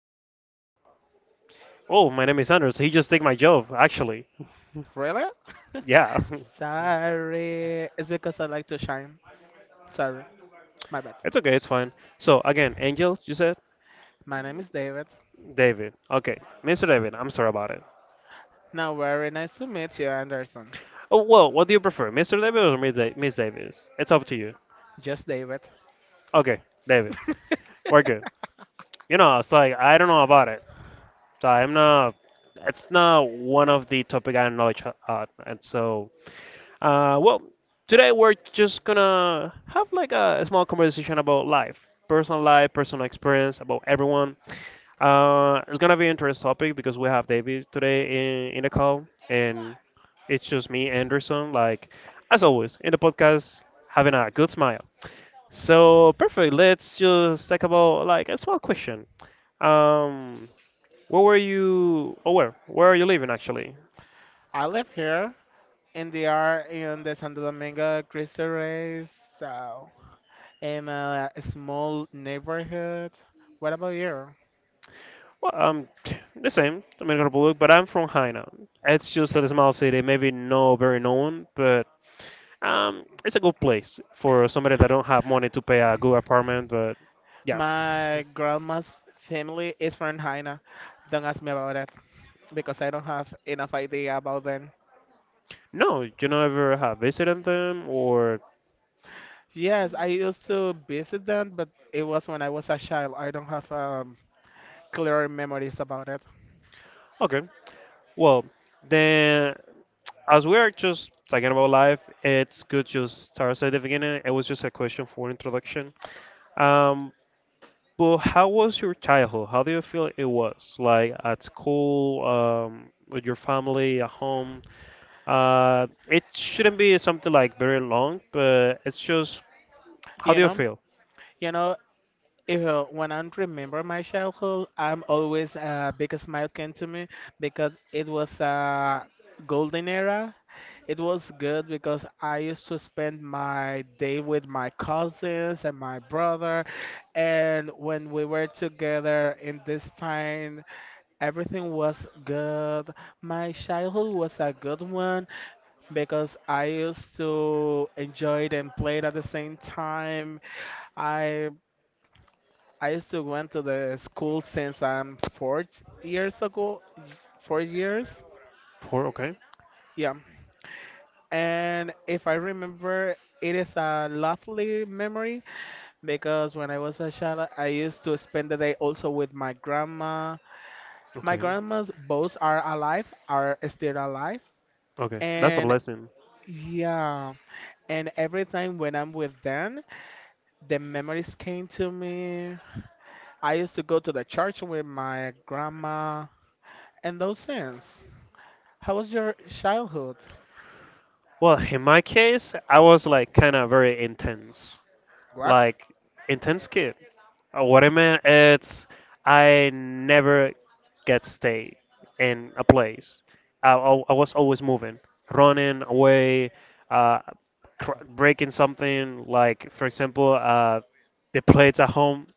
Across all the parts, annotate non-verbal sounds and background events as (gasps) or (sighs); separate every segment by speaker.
Speaker 1: David.
Speaker 2: Oh, my name is Anders. He just took my job, actually.
Speaker 1: Really? (laughs)
Speaker 2: Yeah,
Speaker 1: Sorry. It's because I like to shine. Sorry. My bad.
Speaker 2: (laughs) it's okay. It's fine. So again, Angel, you said
Speaker 1: My name is David.
Speaker 2: David. Okay, Mr. David. I'm sorry about it.
Speaker 1: Now, very nice to meet you, Anderson.
Speaker 2: Oh well, what do you prefer, Mr. David or Miss Davis? It's up to you.
Speaker 1: Just David.
Speaker 2: Okay, David. We're good.
Speaker 1: (laughs)
Speaker 2: You know, it's like I don't know about it. So I'm not. It's not one of the topic I knowledge at, and so well, today we're just gonna have like a small conversation about life, personal experience about everyone. It's gonna be an interesting topic because we have David today in the call, and it's just me, Anderson. Like as always in the podcast, having a good smile. So perfect. Let's just talk about like a small question. Um, where were you? Oh, where? Where are you living actually?
Speaker 1: I live here in the Santo Domingo Cristo Rey, so in a small neighborhood. What about you?
Speaker 2: Well, (tsk) the same, Dominican Republic, but I'm from Haina. It's just a small city, maybe not very known, but it's a good place for somebody that don't have money to pay a good apartment. But yeah,
Speaker 1: My grandma's family is from Haina. Don't ask me about because I don't have enough idea about them.
Speaker 2: no, you never have visited them or
Speaker 1: Yes, I used to visit them, but it was when I was a child. I don't have clear memories about it.
Speaker 2: okay. Well, then, as we are just talking about life, it's good just start at the beginning. It was just a question for introduction. Um, but how was your childhood? How do you feel it was like at school? With your family at home, it shouldn't be something like very long, but it's just how
Speaker 1: You
Speaker 2: do you
Speaker 1: know,
Speaker 2: feel?
Speaker 1: you know, if, when I remember my childhood, I'm always a big smile came to me because it was a golden era. It was good because I used to spend my day with my cousins and my brother, and when we were together in this time, everything was good. My childhood was a good one because I used to enjoy it and play it at the same time. I I used to went to the school since I'm 4 years ago, 4 years.
Speaker 2: Four. Okay.
Speaker 1: Yeah. And if I remember, it is a lovely memory because when I was a child, I used to spend the day also with my grandma. My
Speaker 2: Okay.
Speaker 1: grandmas both are alive, are still alive,
Speaker 2: Okay. That's a
Speaker 1: and
Speaker 2: blessing.
Speaker 1: yeah, and every time when I'm with them, the memories came to me. I used to go to the church with my grandma and those things. How was your childhood?
Speaker 2: Well, in my case, I was like kind of very intense,
Speaker 1: What?
Speaker 2: like intense kid. What I meant it's I never get stay in a place. I was always moving, running away, uh, breaking something. Like, for example, the plates at home,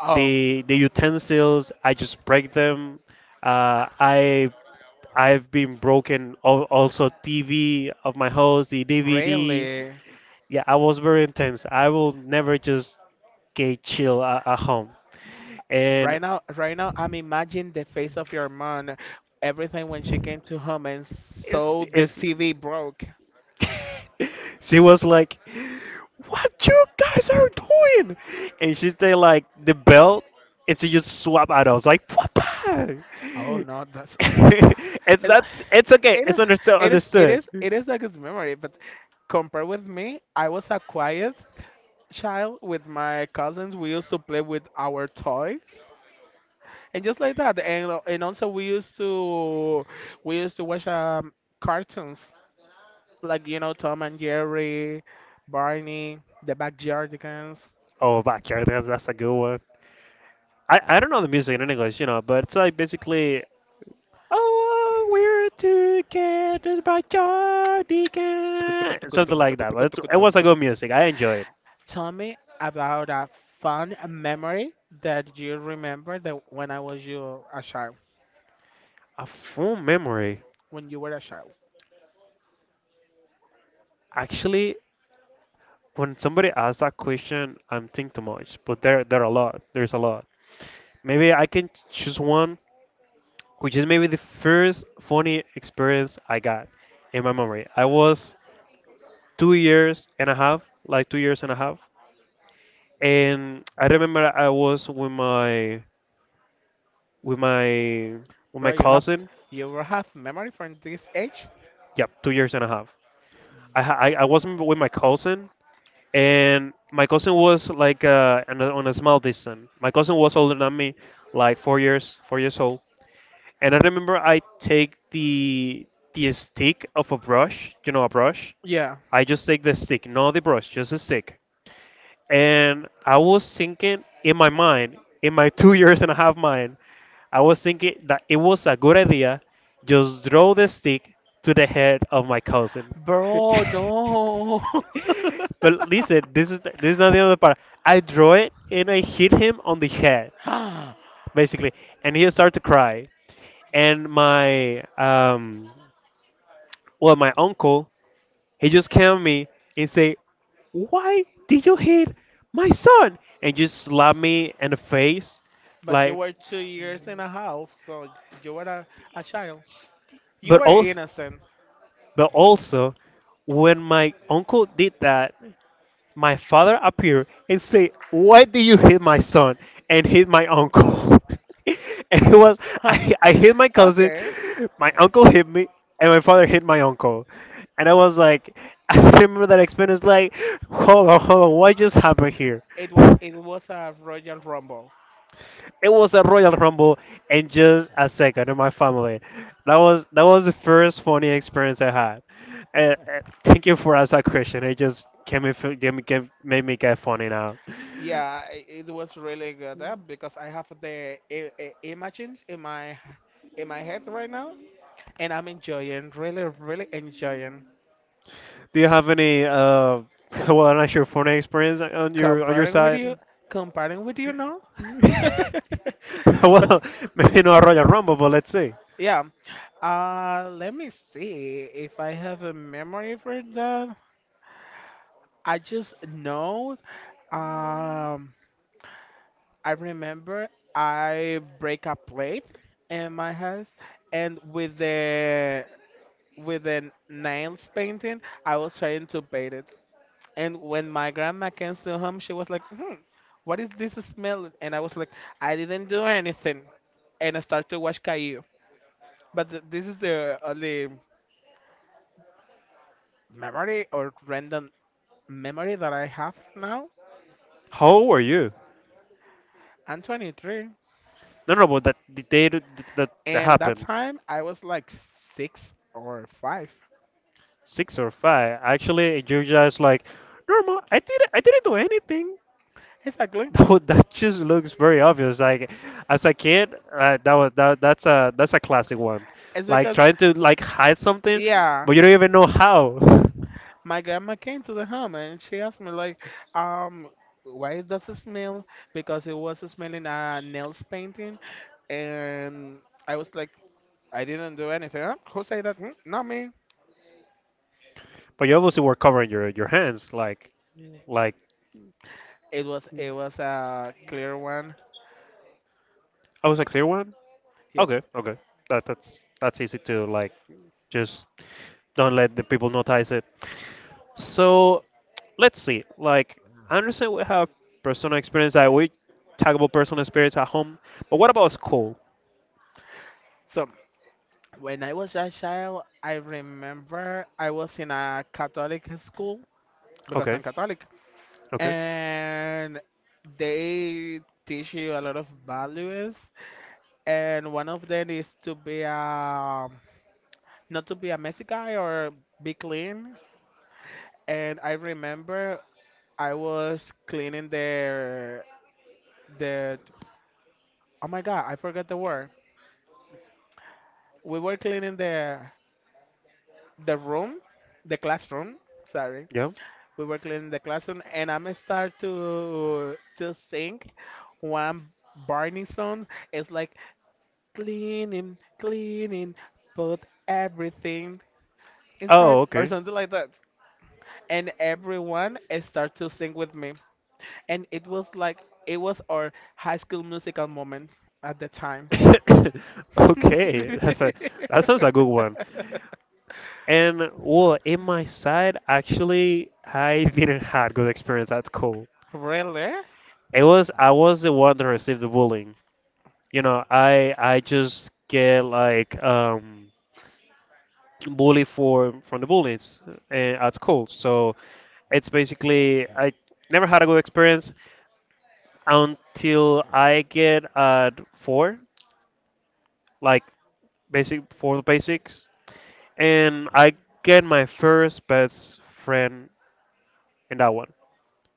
Speaker 1: Oh,
Speaker 2: the utensils. I just break them. Uh, I I've been broken. Also, TV of my house, the DVD.
Speaker 1: really?
Speaker 2: Yeah, I was very intense. I will never just get chill at home. And
Speaker 1: Right now, right now, I'm imagining the face of your mom every time when she came to home and
Speaker 2: it's
Speaker 1: saw the
Speaker 2: it's.
Speaker 1: TV broke.
Speaker 2: (laughs) She was like, "What you guys are doing?" And she said like the belt. And she just swap out. I was like, "Papa."
Speaker 1: Oh no, that's
Speaker 2: (laughs) it's
Speaker 1: it.
Speaker 2: that's it's okay.
Speaker 1: It is,
Speaker 2: It's understood.
Speaker 1: it is, it
Speaker 2: Understood.
Speaker 1: is, it is a good memory, but compared with me, I was a quiet child with my cousins. We used to play with our toys and just like that, and also we used to watch cartoons like you know Tom and Jerry, Barney, the Backyardigans.
Speaker 2: Oh, backyard dance. That's a good I don't know the music in English, but it's like basically, oh, we're together by cardigan, something like that. But it was a good music. I enjoy it.
Speaker 1: Tell me about a fun memory that you remember that
Speaker 2: A fond memory.
Speaker 1: when you were a child.
Speaker 2: Actually, when somebody asks that question, I'm thinking too much. But there are a lot. There's a lot. Maybe I can choose one, which is maybe the first funny experience I got in my memory. I was 2 years and a half, like 2 years and a half, and I remember I was with my with
Speaker 1: Bro,
Speaker 2: my cousin.
Speaker 1: you will have memory from this age?
Speaker 2: Yeah, 2 years and a half. I was not with my cousin, and my cousin was like on a small distance. My cousin was older than me, like four years old. And I remember I take the stick of a brush, you know, a brush.
Speaker 1: Yeah.
Speaker 2: I just take the stick, not the brush, just a stick. And I was thinking in my mind, in my 2 years and a half mind, I was thinking that it was a good idea, just throw the stick to the head of my cousin.
Speaker 1: Bro, no. (laughs)
Speaker 2: (laughs) But listen, this is not the other part. I draw it and I hit him on the head,
Speaker 1: (gasps) But
Speaker 2: basically, and he started to cry. And my well, my uncle he just came at me and say, "Why did you hit my son?" And just slap me in the face,
Speaker 1: you
Speaker 2: like.
Speaker 1: were 2 years and a half, so you were a child. You
Speaker 2: But
Speaker 1: were
Speaker 2: also,
Speaker 1: innocent.
Speaker 2: but also, when my uncle did that, my father appeared and said, "Why did you hit my son?" and hit my uncle. (laughs) and it was
Speaker 1: (laughs)
Speaker 2: I hit my cousin,
Speaker 1: Okay.
Speaker 2: my uncle hit me, and my father hit my uncle. And I was like, (laughs) I remember that experience. Like, hold on, hold on, what just happened here?
Speaker 1: It was,
Speaker 2: (laughs)
Speaker 1: it was a Royal Rumble.
Speaker 2: It was a Royal Rumble in just a second in my family. That was the first funny experience I had. Thank you for asking that question. It just came me, fe- gave me gave, made me get funny now.
Speaker 1: Yeah, I- it was really good because I have the images in my head right now, and I'm enjoying, really, really enjoying.
Speaker 2: Do you have any (laughs) well, I'm not sure, funny experience on your
Speaker 1: Comparing with you,
Speaker 2: side?
Speaker 1: comparing with you now.
Speaker 2: (laughs)
Speaker 1: (laughs) But
Speaker 2: Well, maybe not Royal Rumble, but let's see.
Speaker 1: yeah. Let me see if I have a memory for that. I just know. Um, I remember I break a plate in my house, and with the nails painting, I was trying to paint it. And when my grandma came to home, she was like, "Hmm, what is this smell?" And I was like, "I didn't do anything," and I started to watch Caillou. But this is the only memory or random memory that I have now.
Speaker 2: How old were you?
Speaker 1: I'm 23.
Speaker 2: No, no, but that the day that
Speaker 1: And that
Speaker 2: happened.
Speaker 1: time I was like six or five.
Speaker 2: Six or five. Actually, Georgia is like, normal. I didn't do anything. (laughs)
Speaker 1: Exactly.
Speaker 2: That just looks very obvious. Like, as a kid, that was that, that's a classic one.
Speaker 1: It's
Speaker 2: Like,
Speaker 1: because,
Speaker 2: trying to like hide something,
Speaker 1: yeah,
Speaker 2: but you don't even know how. (laughs)
Speaker 1: my grandma came to the home and she asked me, like, um, why does it smell? Because it was smelling a nails painting. And I was like, I didn't do anything. Huh? Who said that? Hmm? Not me.
Speaker 2: But you obviously were covering your hands. Like, like
Speaker 1: It was a clear one.
Speaker 2: I was a clear one.
Speaker 1: Yep.
Speaker 2: Okay, okay. That's easy to like just don't let the people notice it. So let's see. Like, I understand we have personal experience that we talk about personal experience at home, but what about school?
Speaker 1: So when I was a child, I remember I was in a Catholic school because
Speaker 2: Okay,
Speaker 1: I'm Catholic,
Speaker 2: okay,
Speaker 1: and they teach you a lot of values, and one of them is to be a not to be a messy guy or be clean. And I remember I was cleaning the, the oh my God, I forgot the word. We were cleaning the room, the classroom. Sorry.
Speaker 2: yeah.
Speaker 1: We were cleaning the classroom, and I'm start to sing one Barney song. It's like cleaning, cleaning, put everything
Speaker 2: Oh,
Speaker 1: inside or
Speaker 2: okay.
Speaker 1: something like that. And everyone start to sing with me, and it was like it was our high school musical moment at the
Speaker 2: (laughs)
Speaker 1: time.
Speaker 2: (coughs) Okay,
Speaker 1: (laughs)
Speaker 2: that sounds a good one. And well, in my side, actually, I (laughs) didn't have good experience at school.
Speaker 1: Really?
Speaker 2: It was I was the one that received the bullying. You know, I just get like bully for from the bullies, at school. So it's basically I never had a good experience until I get at four, like basic for the basics, and I get my first best friend in that one.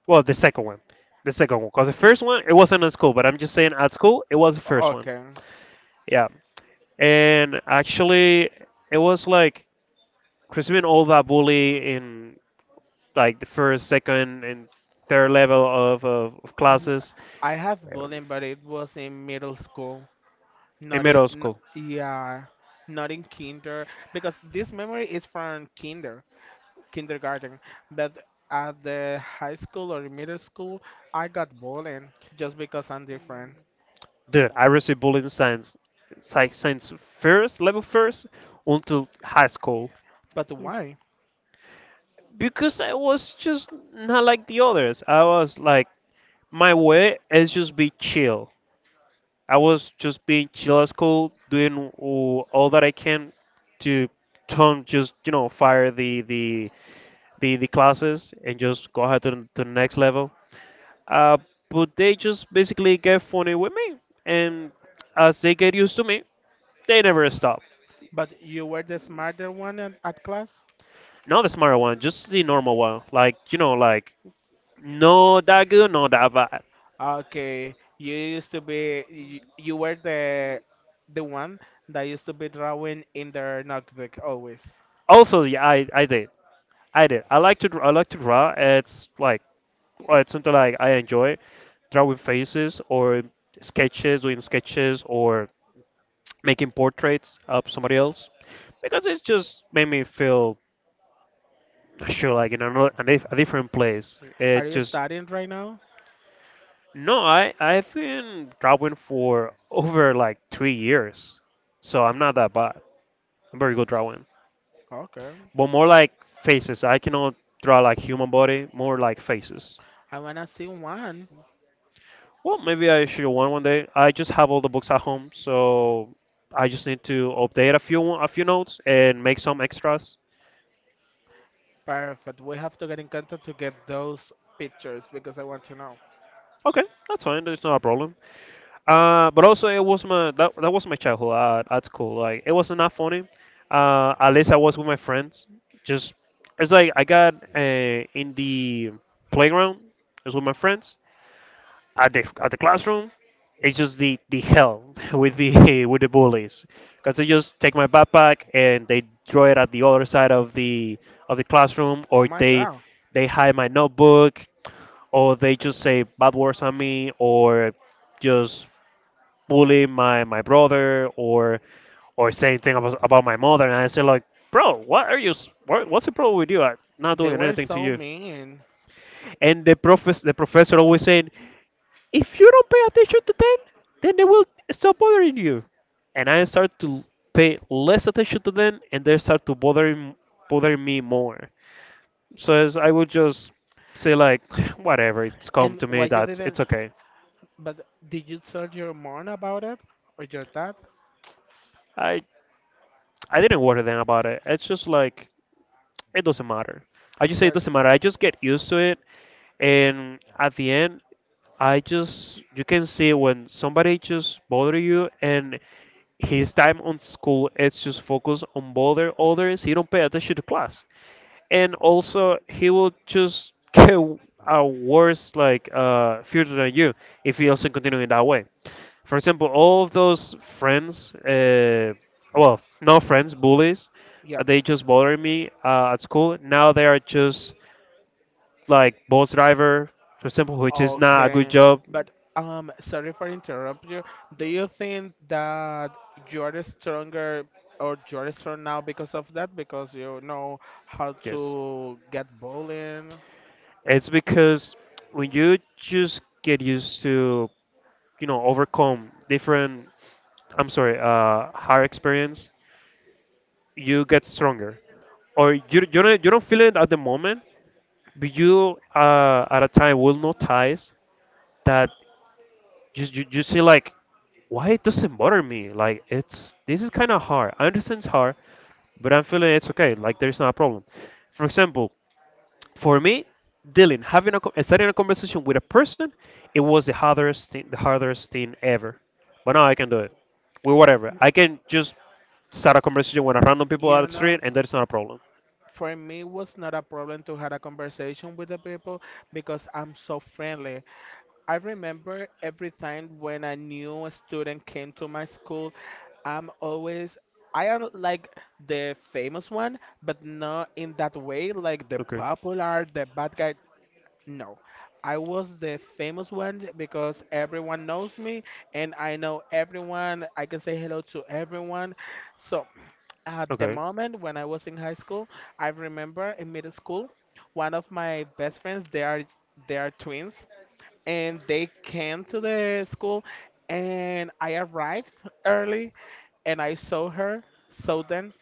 Speaker 2: Well, the second one, because the first one it wasn't at school, but I'm just saying at school it was the first one.
Speaker 1: Okay.
Speaker 2: Yeah, and actually it was like Crispin all that bully in like the first, second, and third level of
Speaker 1: N-
Speaker 2: classes,
Speaker 1: I have
Speaker 2: um,
Speaker 1: bullying, but it was in middle school.
Speaker 2: in
Speaker 1: Not in,
Speaker 2: middle
Speaker 1: n-
Speaker 2: school.
Speaker 1: yeah, not in kinder because this memory is from kinder, kindergarten. But at the high school or middle school, I got bullied just because I'm different.
Speaker 2: Dude, I received bullying science, like since first level first until high school
Speaker 1: But why?
Speaker 2: because I was just not like the others. I was like, my way is just be chill. I was just being chill at school, doing all that I can to don't just fire the classes and just go ahead to the next level. Uh, but they just basically get funny with me, and as they get used to me, they never stop.
Speaker 1: But you were the smarter one at class.
Speaker 2: Not the smart one, just the normal one. Like, like no that good, no that bad.
Speaker 1: Okay, you used to be you were the one that used to be drawing in their notebook always.
Speaker 2: Also, yeah, I did. I like to draw. It's like, or it's something like I enjoy drawing faces or sketches, doing sketches or making portraits of somebody else because it just made me feel sure like in another a different place.
Speaker 1: Are
Speaker 2: It
Speaker 1: you
Speaker 2: just
Speaker 1: studying right now?
Speaker 2: No, I've been drawing for over like 3 years, so I'm not that bad. I'm very good drawing,
Speaker 1: Okay,
Speaker 2: but more like faces. I cannot draw like human body, more like faces.
Speaker 1: I wanna see one.
Speaker 2: Well, maybe I should one day. I just have all the books at home, so I just need to update a few notes and make some extras.
Speaker 1: Perfect. We have to get in contact to get those pictures because I want to know.
Speaker 2: Okay, that's fine. There's not a problem. But also it was that was my childhood at school. Like, it was not funny. At least I was with my friends. Just it's like I got in the playground. It was with my friends. At the classroom it's just the hell (laughs) with the bullies because they just take my backpack and they throw it at the other side of the classroom,
Speaker 1: Oh
Speaker 2: or
Speaker 1: my God.
Speaker 2: they hide my notebook, or they just say bad words on me, or just bully my brother, or saying thing about my mother. And I say like, "Bro, what's the problem with you? I'm not
Speaker 1: They
Speaker 2: doing
Speaker 1: were
Speaker 2: anything to
Speaker 1: so
Speaker 2: you."
Speaker 1: mean.
Speaker 2: And the professor always saying, if you don't pay attention to them, then they will stop bothering you. And I start to pay less attention to them, and they start to bothering me more. So as I would just say like, (sighs) whatever, it's come
Speaker 1: And
Speaker 2: to me.
Speaker 1: why you
Speaker 2: That's
Speaker 1: didn't
Speaker 2: It's okay.
Speaker 1: but did you tell your mom about it? Or your dad?
Speaker 2: I I didn't worry then about it. It's just like it doesn't matter. I just say it
Speaker 1: But
Speaker 2: doesn't matter. I just get used to it, and at the end, I just you can see when somebody just bother you, and his time on school it's just focus on bother others. He don't pay attention to class, and also he will just get a worse like future than you if he also continue in that way. For example, all of those friends, no friends, bullies,
Speaker 1: yeah.
Speaker 2: they just bothered me at school. Now they are just like bus driver, for example, which is not a good
Speaker 1: Okay,
Speaker 2: job.
Speaker 1: but sorry for interrupt you. Do you think that you are stronger or you are strong now because of that? Because you know how
Speaker 2: Yes,
Speaker 1: to get bullying.
Speaker 2: it's because when you just get used to overcome hard experience, you get stronger, or you don't, you don't feel it at the moment, but you, at a time, will notice that you see like why it doesn't bother me. Like it's this is kind of hard. I understand it's hard, but I'm feeling it's okay, like there's not a problem. For example, for me, dealing starting a conversation with a person, it was the hardest thing, the hardest thing ever, but now I can do it. With whatever, I can just start a conversation with a random people out
Speaker 1: You
Speaker 2: the street,
Speaker 1: know,
Speaker 2: and that's not a problem.
Speaker 1: for me, it was not a problem to have a conversation with the people because I'm so friendly. I remember every time when a new student came to my school, I'm always I am like the famous one, but not in that way, like the
Speaker 2: Okay.
Speaker 1: popular, the bad guy. No. I was the famous one because everyone knows me and I know everyone. I can say hello to everyone. So at the
Speaker 2: Okay.
Speaker 1: moment when I was in high school, I remember in middle school, one of my best friends, they are twins and they came to the school and I arrived early and I saw her, saw them,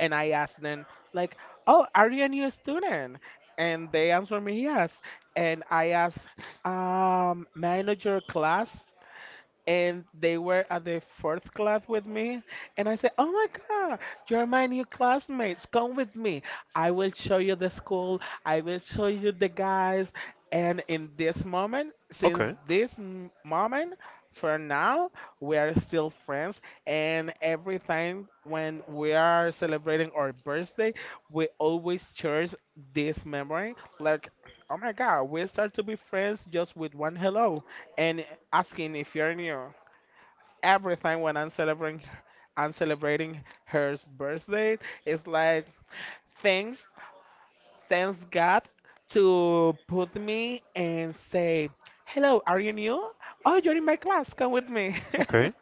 Speaker 1: and I asked them like, "Oh, are you a new student?" And they answered me yes. And I asked, "May I know your class?" And they were at the fourth class with me, and I said, oh my God, you're my new classmates, come with me, I will show you the school, I will show you the guys. And in this moment, since
Speaker 2: Okay.
Speaker 1: this moment for now, we are still friends. And every time when we are celebrating our birthday, we always cherish this memory like, oh my God, we start to be friends just with one hello and asking if you're new. Everything when I'm celebrating her birthday. It's like thanks, thanks God to put me and say, "Hello, are you new? Oh, you're in my class. Come with me." (laughs)
Speaker 2: Okay.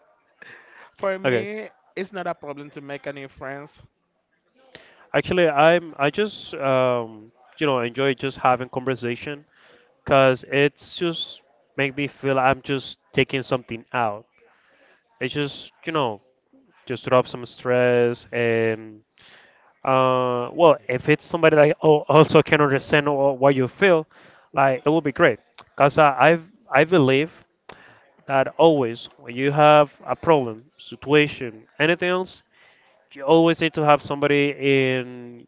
Speaker 1: For
Speaker 2: Okay.
Speaker 1: me, it's not a problem to make a new friends.
Speaker 2: Actually, I'm I just enjoy just having conversation, because it's just make me feel I'm just taking something out. It's just, just drop some stress. And well, if it's somebody that oh also can understand what you feel, like it will be great. Because I believe that always when you have a problem, situation, anything else, you always need to have somebody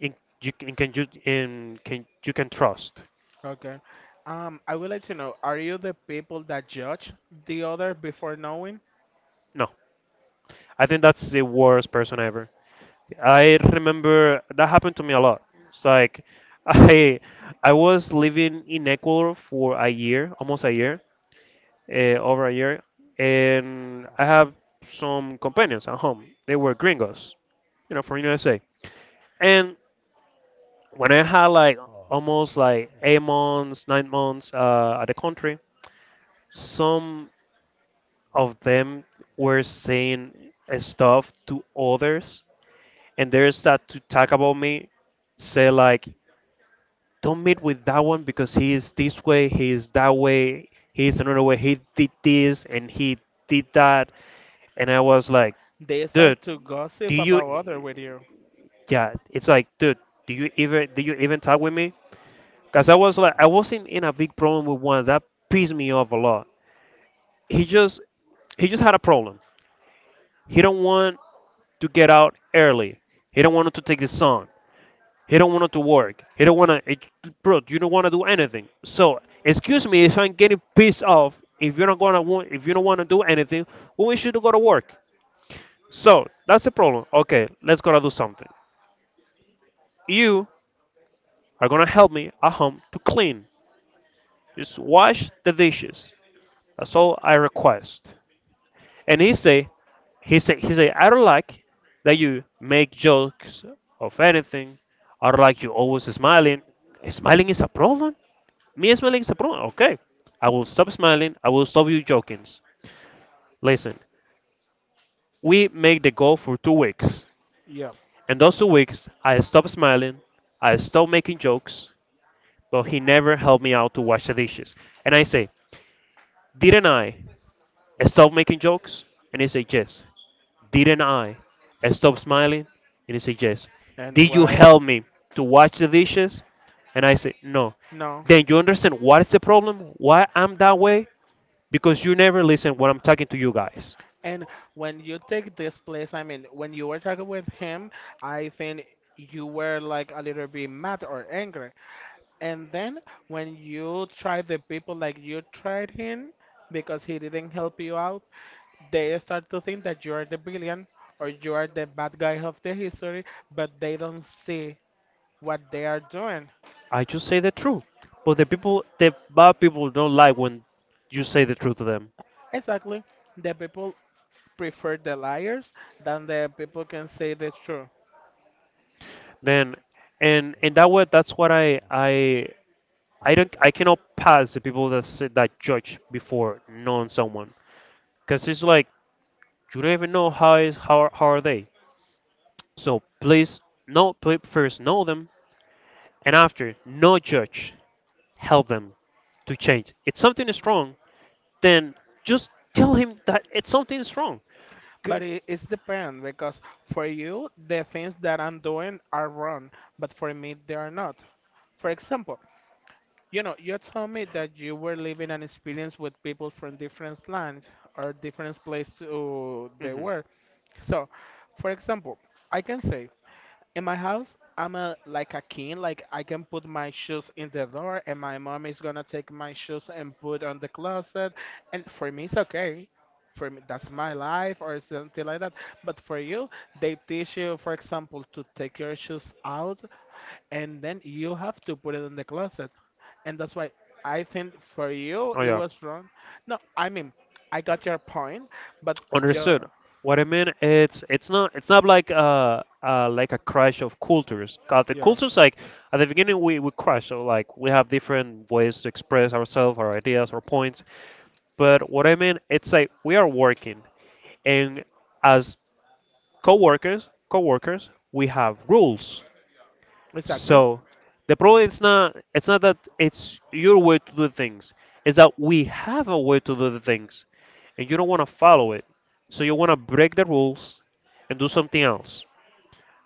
Speaker 2: in you can you in can you can trust.
Speaker 1: Okay. I would like to know, are you the people that judge the other before knowing?
Speaker 2: No, I think that's the worst person ever. I remember that happened to me a lot. It's like, (laughs) I I was living in Ecuador for a year, almost a year, over a year, and I have some companions at home. They were gringos, you know, from USA. And when I had like almost like 8 months, 9 months at the country, some of them were saying stuff to others, and they start to talk about me, say like, "Don't meet with that one because he is this way, he is that way, he is another way. He did this and he did that," and I was like,
Speaker 1: They
Speaker 2: "Dude,
Speaker 1: start to
Speaker 2: do
Speaker 1: gossip
Speaker 2: you?
Speaker 1: about other with you.
Speaker 2: Yeah, it's like, dude, do you even talk with me? Cause I was like, I wasn't in a big problem with one that pissed me off a lot. He just, he just had a problem. He don't want to get out early. He don't want to take the sun. He don't want to work. He don't want to, bro. You don't want to do anything. So, excuse me if I'm getting pissed off. If you're not gonna want, if you don't want to do anything, well, we should go to work. So that's the problem. Okay, let's go to do something. You are gonna help me at home to clean. Just wash the dishes. That's all I request. And he say, I don't like that you make jokes of anything. I don't like you always smiling. Smiling is a problem. Me smiling is a problem. Okay, I will stop smiling, I will stop you joking. Listen, we make the goal for 2 weeks,
Speaker 1: Yeah.
Speaker 2: and those 2 weeks I stopped smiling, I stopped making jokes, but he never helped me out to wash the dishes. And I say, didn't I stop making jokes? And he said, yes. Didn't I? I stop smiling? And he said, yes.
Speaker 1: And
Speaker 2: Did you
Speaker 1: why?
Speaker 2: help me to wash the dishes? And I said, no.
Speaker 1: No.
Speaker 2: Then you understand what is the problem? Why I'm that way? Because you never listen when I'm talking to you guys.
Speaker 1: And when you take this place, I mean, when you were talking with him, I think you were like a little bit mad or angry. And then when you tried the people like you tried him because he didn't help you out, they start to think that you are the villain or you are the bad guy of the history, but they don't see what they are doing.
Speaker 2: I just say the truth. But the people, the bad people don't like when you say the truth to them.
Speaker 1: Exactly. The people prefer the liars than the people can say the truth.
Speaker 2: Then, and in that way, that's what I don't, I cannot pass the people that say, that judge before knowing someone. Because it's like you don't even know how is how are they. So please, know please first know them, and after, no judge, help them to change. If something is wrong, then just tell him that it's something is wrong.
Speaker 1: But it, it's depend because for you the things that I'm doing are wrong, but for me they are not. For example, you know, you told me that you were living an experience with people from different lands or different place to they
Speaker 2: Mm-hmm.
Speaker 1: were. So, for example, I can say in my house, I'm a like a king. Like I can put my shoes in the door, and my mom is gonna take my shoes and put on the closet. And for me, it's okay. For me, that's my life or something like that. But for you, they teach you, for example, to take your shoes out, and then you have to put it in the closet. And that's why I think for you
Speaker 2: Oh
Speaker 1: it
Speaker 2: yeah.
Speaker 1: was wrong. No, I mean I got your point, but you,
Speaker 2: Understood. What I mean, it's not it's not like like a crash of cultures. 'Cause the
Speaker 1: yeah,
Speaker 2: cultures like at the beginning we crash, so like we have different ways to express ourselves, our ideas, our points. But what I mean, it's like we are working, and as co-workers, we have rules.
Speaker 1: exactly.
Speaker 2: So the problem is not, it's not that it's your way to do things. It's that we have a way to do the things, and you don't want to follow it. So you want to break the rules and do something else.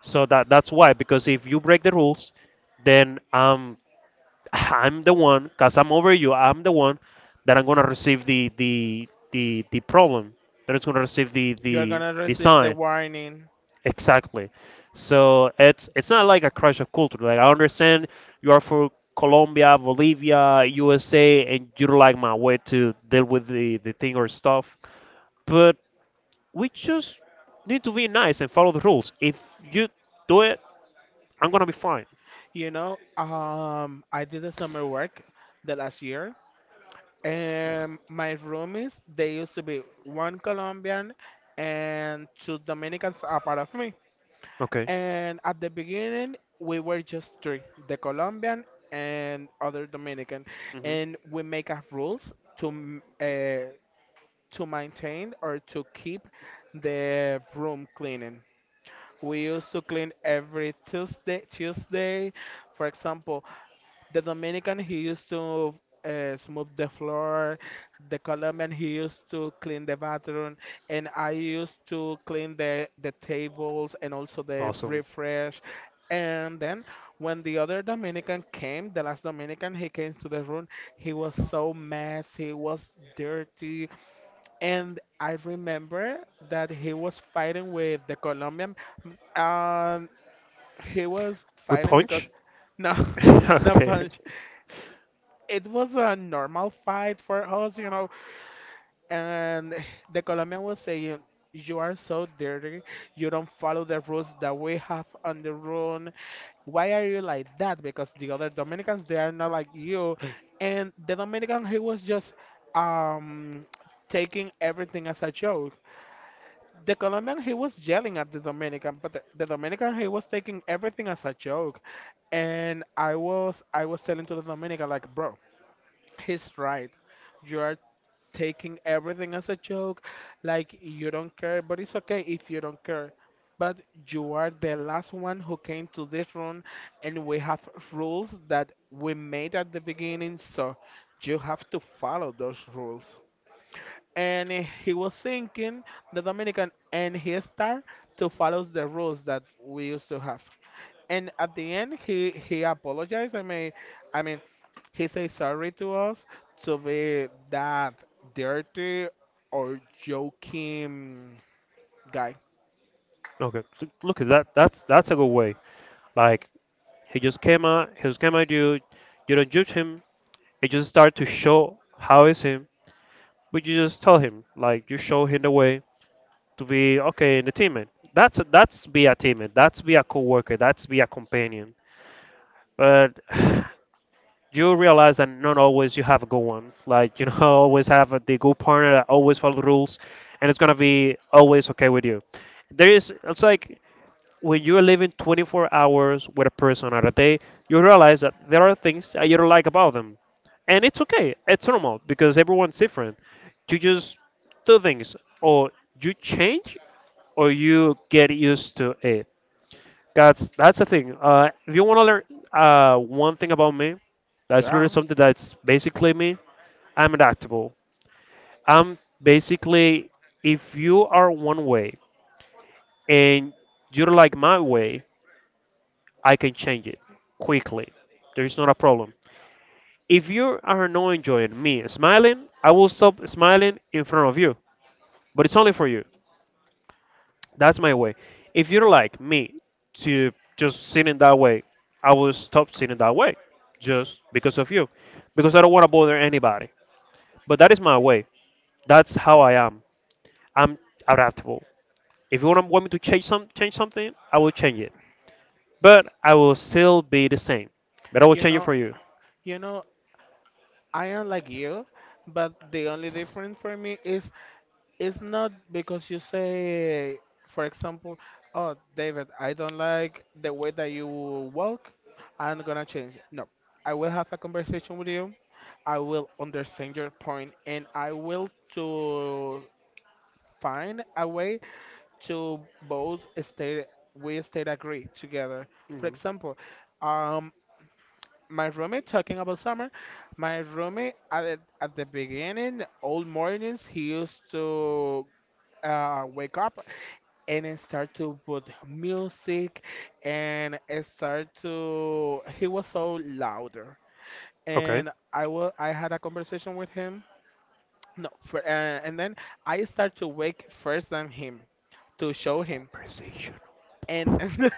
Speaker 2: So that's why, because if you break the rules, then (laughs) I'm the one, cuz I'm over you. I'm the one that I'm going to receive the problem. That it's going to receive the
Speaker 1: You're
Speaker 2: the
Speaker 1: gonna
Speaker 2: the
Speaker 1: receive the
Speaker 2: sign.
Speaker 1: warning.
Speaker 2: Exactly. So it's not like a crash of culture. Like I understand you are for Colombia, Bolivia, USA, and you don't like my way to deal with the thing or stuff. But we just need to be nice and follow the rules. If you do it, I'm gonna be fine.
Speaker 1: You know, I did a summer work the last year, and my roomies, they used to be one Colombian and two Dominicans a part of me.
Speaker 2: Okay.
Speaker 1: And at the beginning, we were just three, the Colombian and other Dominican, and
Speaker 2: Hmm.
Speaker 1: we make up rules to m- uh, to maintain or to keep the room cleaning. We used to clean every Tuesday, Tuesday, for example, the Dominican, he used to smooth the floor. The Colombian, he used to clean the bathroom. And I used to clean the tables and also the
Speaker 2: Awesome.
Speaker 1: refresh. And then when the other Dominican came, the last Dominican, he came to the room. He was so messy, he was dirty. And I remember that he was fighting with the Colombian. And he was
Speaker 2: We
Speaker 1: fighting because,
Speaker 2: punch.
Speaker 1: no,
Speaker 2: (laughs)
Speaker 1: (laughs) no
Speaker 2: Okay.
Speaker 1: punch, it was a normal fight for us, you know. And (sighs) the Colombian was saying, "You are so dirty. You don't follow the rules that we have on the room. Why are you like that? Because the other Dominicans they are not like you." And the Dominican he was just um taking everything as a joke. The Colombian he was yelling at the Dominican, but the Dominican he was taking everything as a joke. And I was telling to the Dominican like, bro, he's right. You are taking everything as a joke, like you don't care, but it's okay if you don't care. But you are the last one who came to this room, and we have rules that we made at the beginning, so you have to follow those rules. And he was thinking, the Dominican, and he started to follow the rules that we used to have, and at the end he apologized i mean he said sorry to us to be that dirty or joking guy.
Speaker 2: Okay, look, look at that. That's a good way. Like he just came at you. You don't judge him. It just start to show how is him, but you just tell him, like, you show him the way to be okay in the teammate. That's be a teammate that's be a coworker, that's be a companion. But (sighs) you realize that not always you have a good one, like, you know, (laughs) always have the good partner that always follow the rules, and it's gonna be always okay with you. There is, it's like, when you're living 24 hours with a person at a day, you realize that there are things that you don't like about them. And it's okay, it's normal, because everyone's different. You just do things, or you change, or you get used to it. That's the thing. If you want to learn one thing about me, that's really
Speaker 1: Yeah.
Speaker 2: something that's basically me. I'm adaptable. I'm basically, if you are one way and you don't like my way, I can change it quickly. There's not a problem. If you are not enjoying me smiling, I will stop smiling in front of you. But it's only for you. That's my way. If you don't like me to just sitting that way, I will stop sitting that way just because of you. Because I don't want to bother anybody. But that is my way. That's how I am. I'm adaptable. If you want me to change some change something, I will change it. But I will still be the same. But I will
Speaker 1: you
Speaker 2: change it
Speaker 1: know
Speaker 2: for you.
Speaker 1: you know I am like you, but the only difference for me is, it's not because you say, for example, oh, David, I don't like the way that you walk, I'm gonna change it. No, I will have a conversation with you. I will understand your point, and I will to find a way to both stay we stay agree together. For
Speaker 2: Mhm.
Speaker 1: example, um, my roommate, talking about summer. My roommate at the beginning, all mornings, he used to wake up, and I start to put music, and I start to he was so louder,
Speaker 2: Okay.
Speaker 1: and I had a conversation with him. No. And then I start to wake first than him, to show him.
Speaker 2: Conversational.
Speaker 1: And (laughs)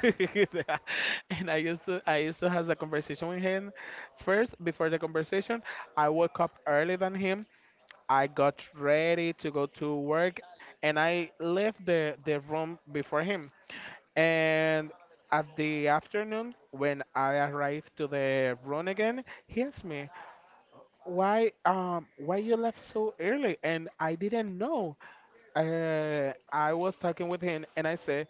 Speaker 1: and I used to have a conversation with him. First, before the conversation, I woke up early than him, I got ready to go to work, and I left the room before him. And at the afternoon, when I arrived to the room again, he asked me, why you left so early?" And I didn't know. I was talking with him, and I said,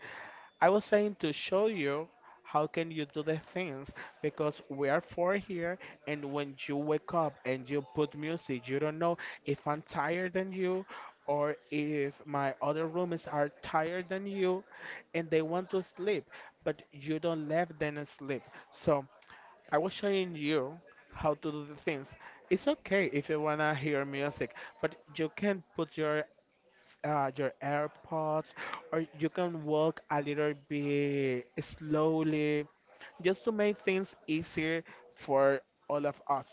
Speaker 1: I was trying to show you how can you do the things, because we are four here, and when you wake up and you put music, you don't know if I'm tired than you, or if my other roommates are tired than you and they want to sleep, but you don't let them sleep. So I was showing you how to do the things. It's okay if you wanna hear music, but you can put your AirPods, or you can walk a little bit slowly, just to make things easier for all of us.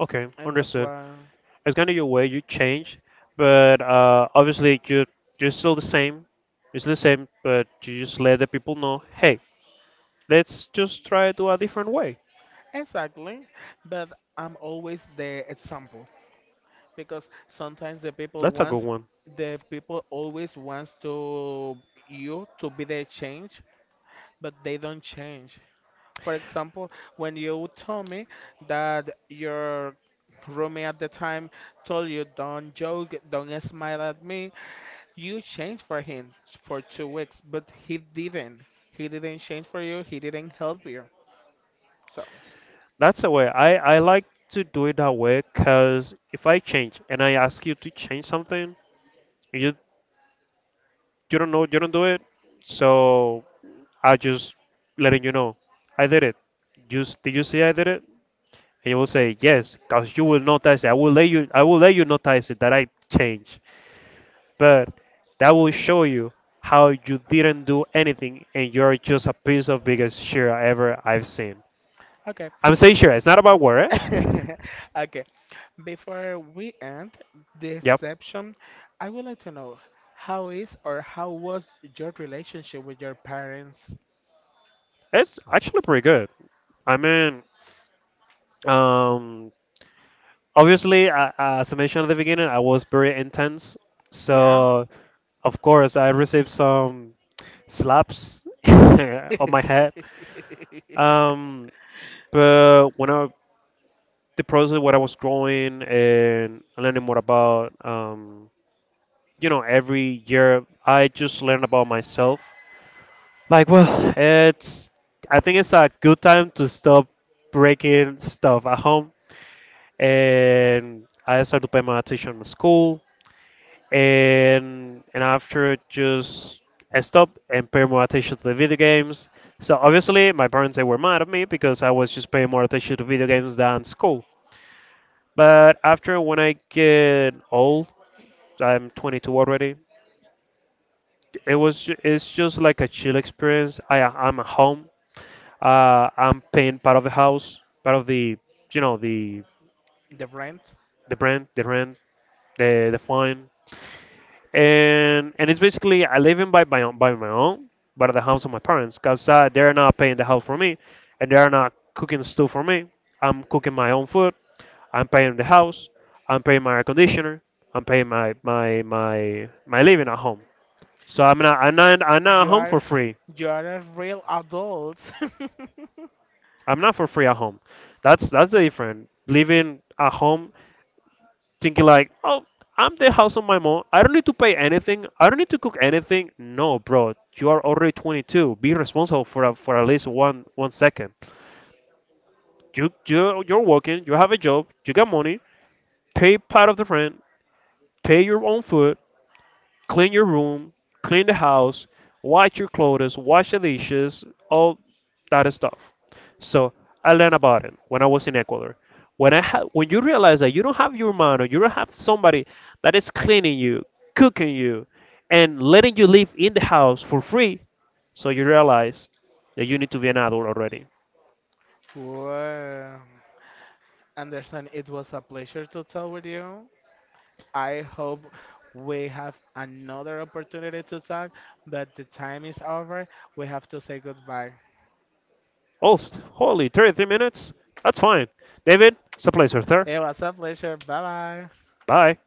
Speaker 2: Okay,
Speaker 1: And that's
Speaker 2: understood.
Speaker 1: why,
Speaker 2: It's kind of your way you change, but obviously you're still the same. You're still the same, but you just let the people know, hey, let's just try to do a different way.
Speaker 1: exactly. But I'm always the example, because sometimes the people
Speaker 2: That's a good
Speaker 1: wants,
Speaker 2: one.
Speaker 1: the people always wants to you to be the change, but they don't change. For example, when you told me that your roommate at the time told you, don't joke, don't smile at me, you changed for him for 2 weeks, but he didn't. He didn't change for you, he didn't help you. So,
Speaker 2: That's a way. I like to do it that way, because if I change and I ask you to change something, and you don't know, you don't do it, so I just letting you know I did it. Just did you see I did it? He will say, yes, because you will notice it. I will let you notice it that I changed. But that will show you how you didn't do anything, and you're just a piece of biggest shit ever I've seen.
Speaker 1: okay.
Speaker 2: I'm saying sure, it's not about work.
Speaker 1: (laughs) okay. Before we end this
Speaker 2: Yep.
Speaker 1: section, I would like to know how is or how was your relationship with your parents?
Speaker 2: It's actually pretty good. I mean, um, obviously, I, as I mentioned at the beginning, I was very intense.
Speaker 1: Yeah.
Speaker 2: So, of course, I received some slaps (laughs)
Speaker 1: (laughs) the
Speaker 2: on my head. Um, But when I, the process what I was growing and learning more about, you know, every year I just learn about myself. Like, well, it's, I think it's a good time to stop breaking stuff at home. And I started to pay my attention to school, and after, just, I stopped and pay more attention to the video games. So obviously my parents, they were mad at me, because I was just paying more attention to video games than school. But after when I get old, I'm 22 already. It was it's just like a chill experience. I'm at home. I'm paying part of the house, part of the, you know,
Speaker 1: rent.
Speaker 2: the rent, the fine, and it's basically I live in by my own, but at the house of my parents, cause they're not paying the house for me, and they're not cooking stuff for me. I'm cooking my own food, I'm paying the house, I'm paying my air conditioner, I'm paying my living at home. So I'm not at
Speaker 1: You
Speaker 2: home for
Speaker 1: are
Speaker 2: free.
Speaker 1: you are a real adult. (laughs)
Speaker 2: I'm not for free at home. That's the difference. Living at home, thinking like, oh, I'm the house of my mom. I don't need to pay anything. I don't need to cook anything. No, bro, you are already 22. Be responsible for a, for at least one second. You're working. You have a job. You got money. Pay part of the rent. Pay your own food. Clean your room, clean the house, wash your clothes, wash the dishes, all that stuff. So I learned about it when I was in Ecuador. When I when you realize that you don't have your mano, you don't have somebody that is cleaning you, cooking you, and letting you live in the house for free, so you realize that you need to be an adult already.
Speaker 1: Well, Anderson, it was a pleasure to talk with you. I hope we have another opportunity to talk, but the time is over. We have to say goodbye.
Speaker 2: Oh, holy, 33 minutes? That's fine. David, it's a pleasure, sir.
Speaker 1: It was a pleasure. Bye bye.
Speaker 2: Bye.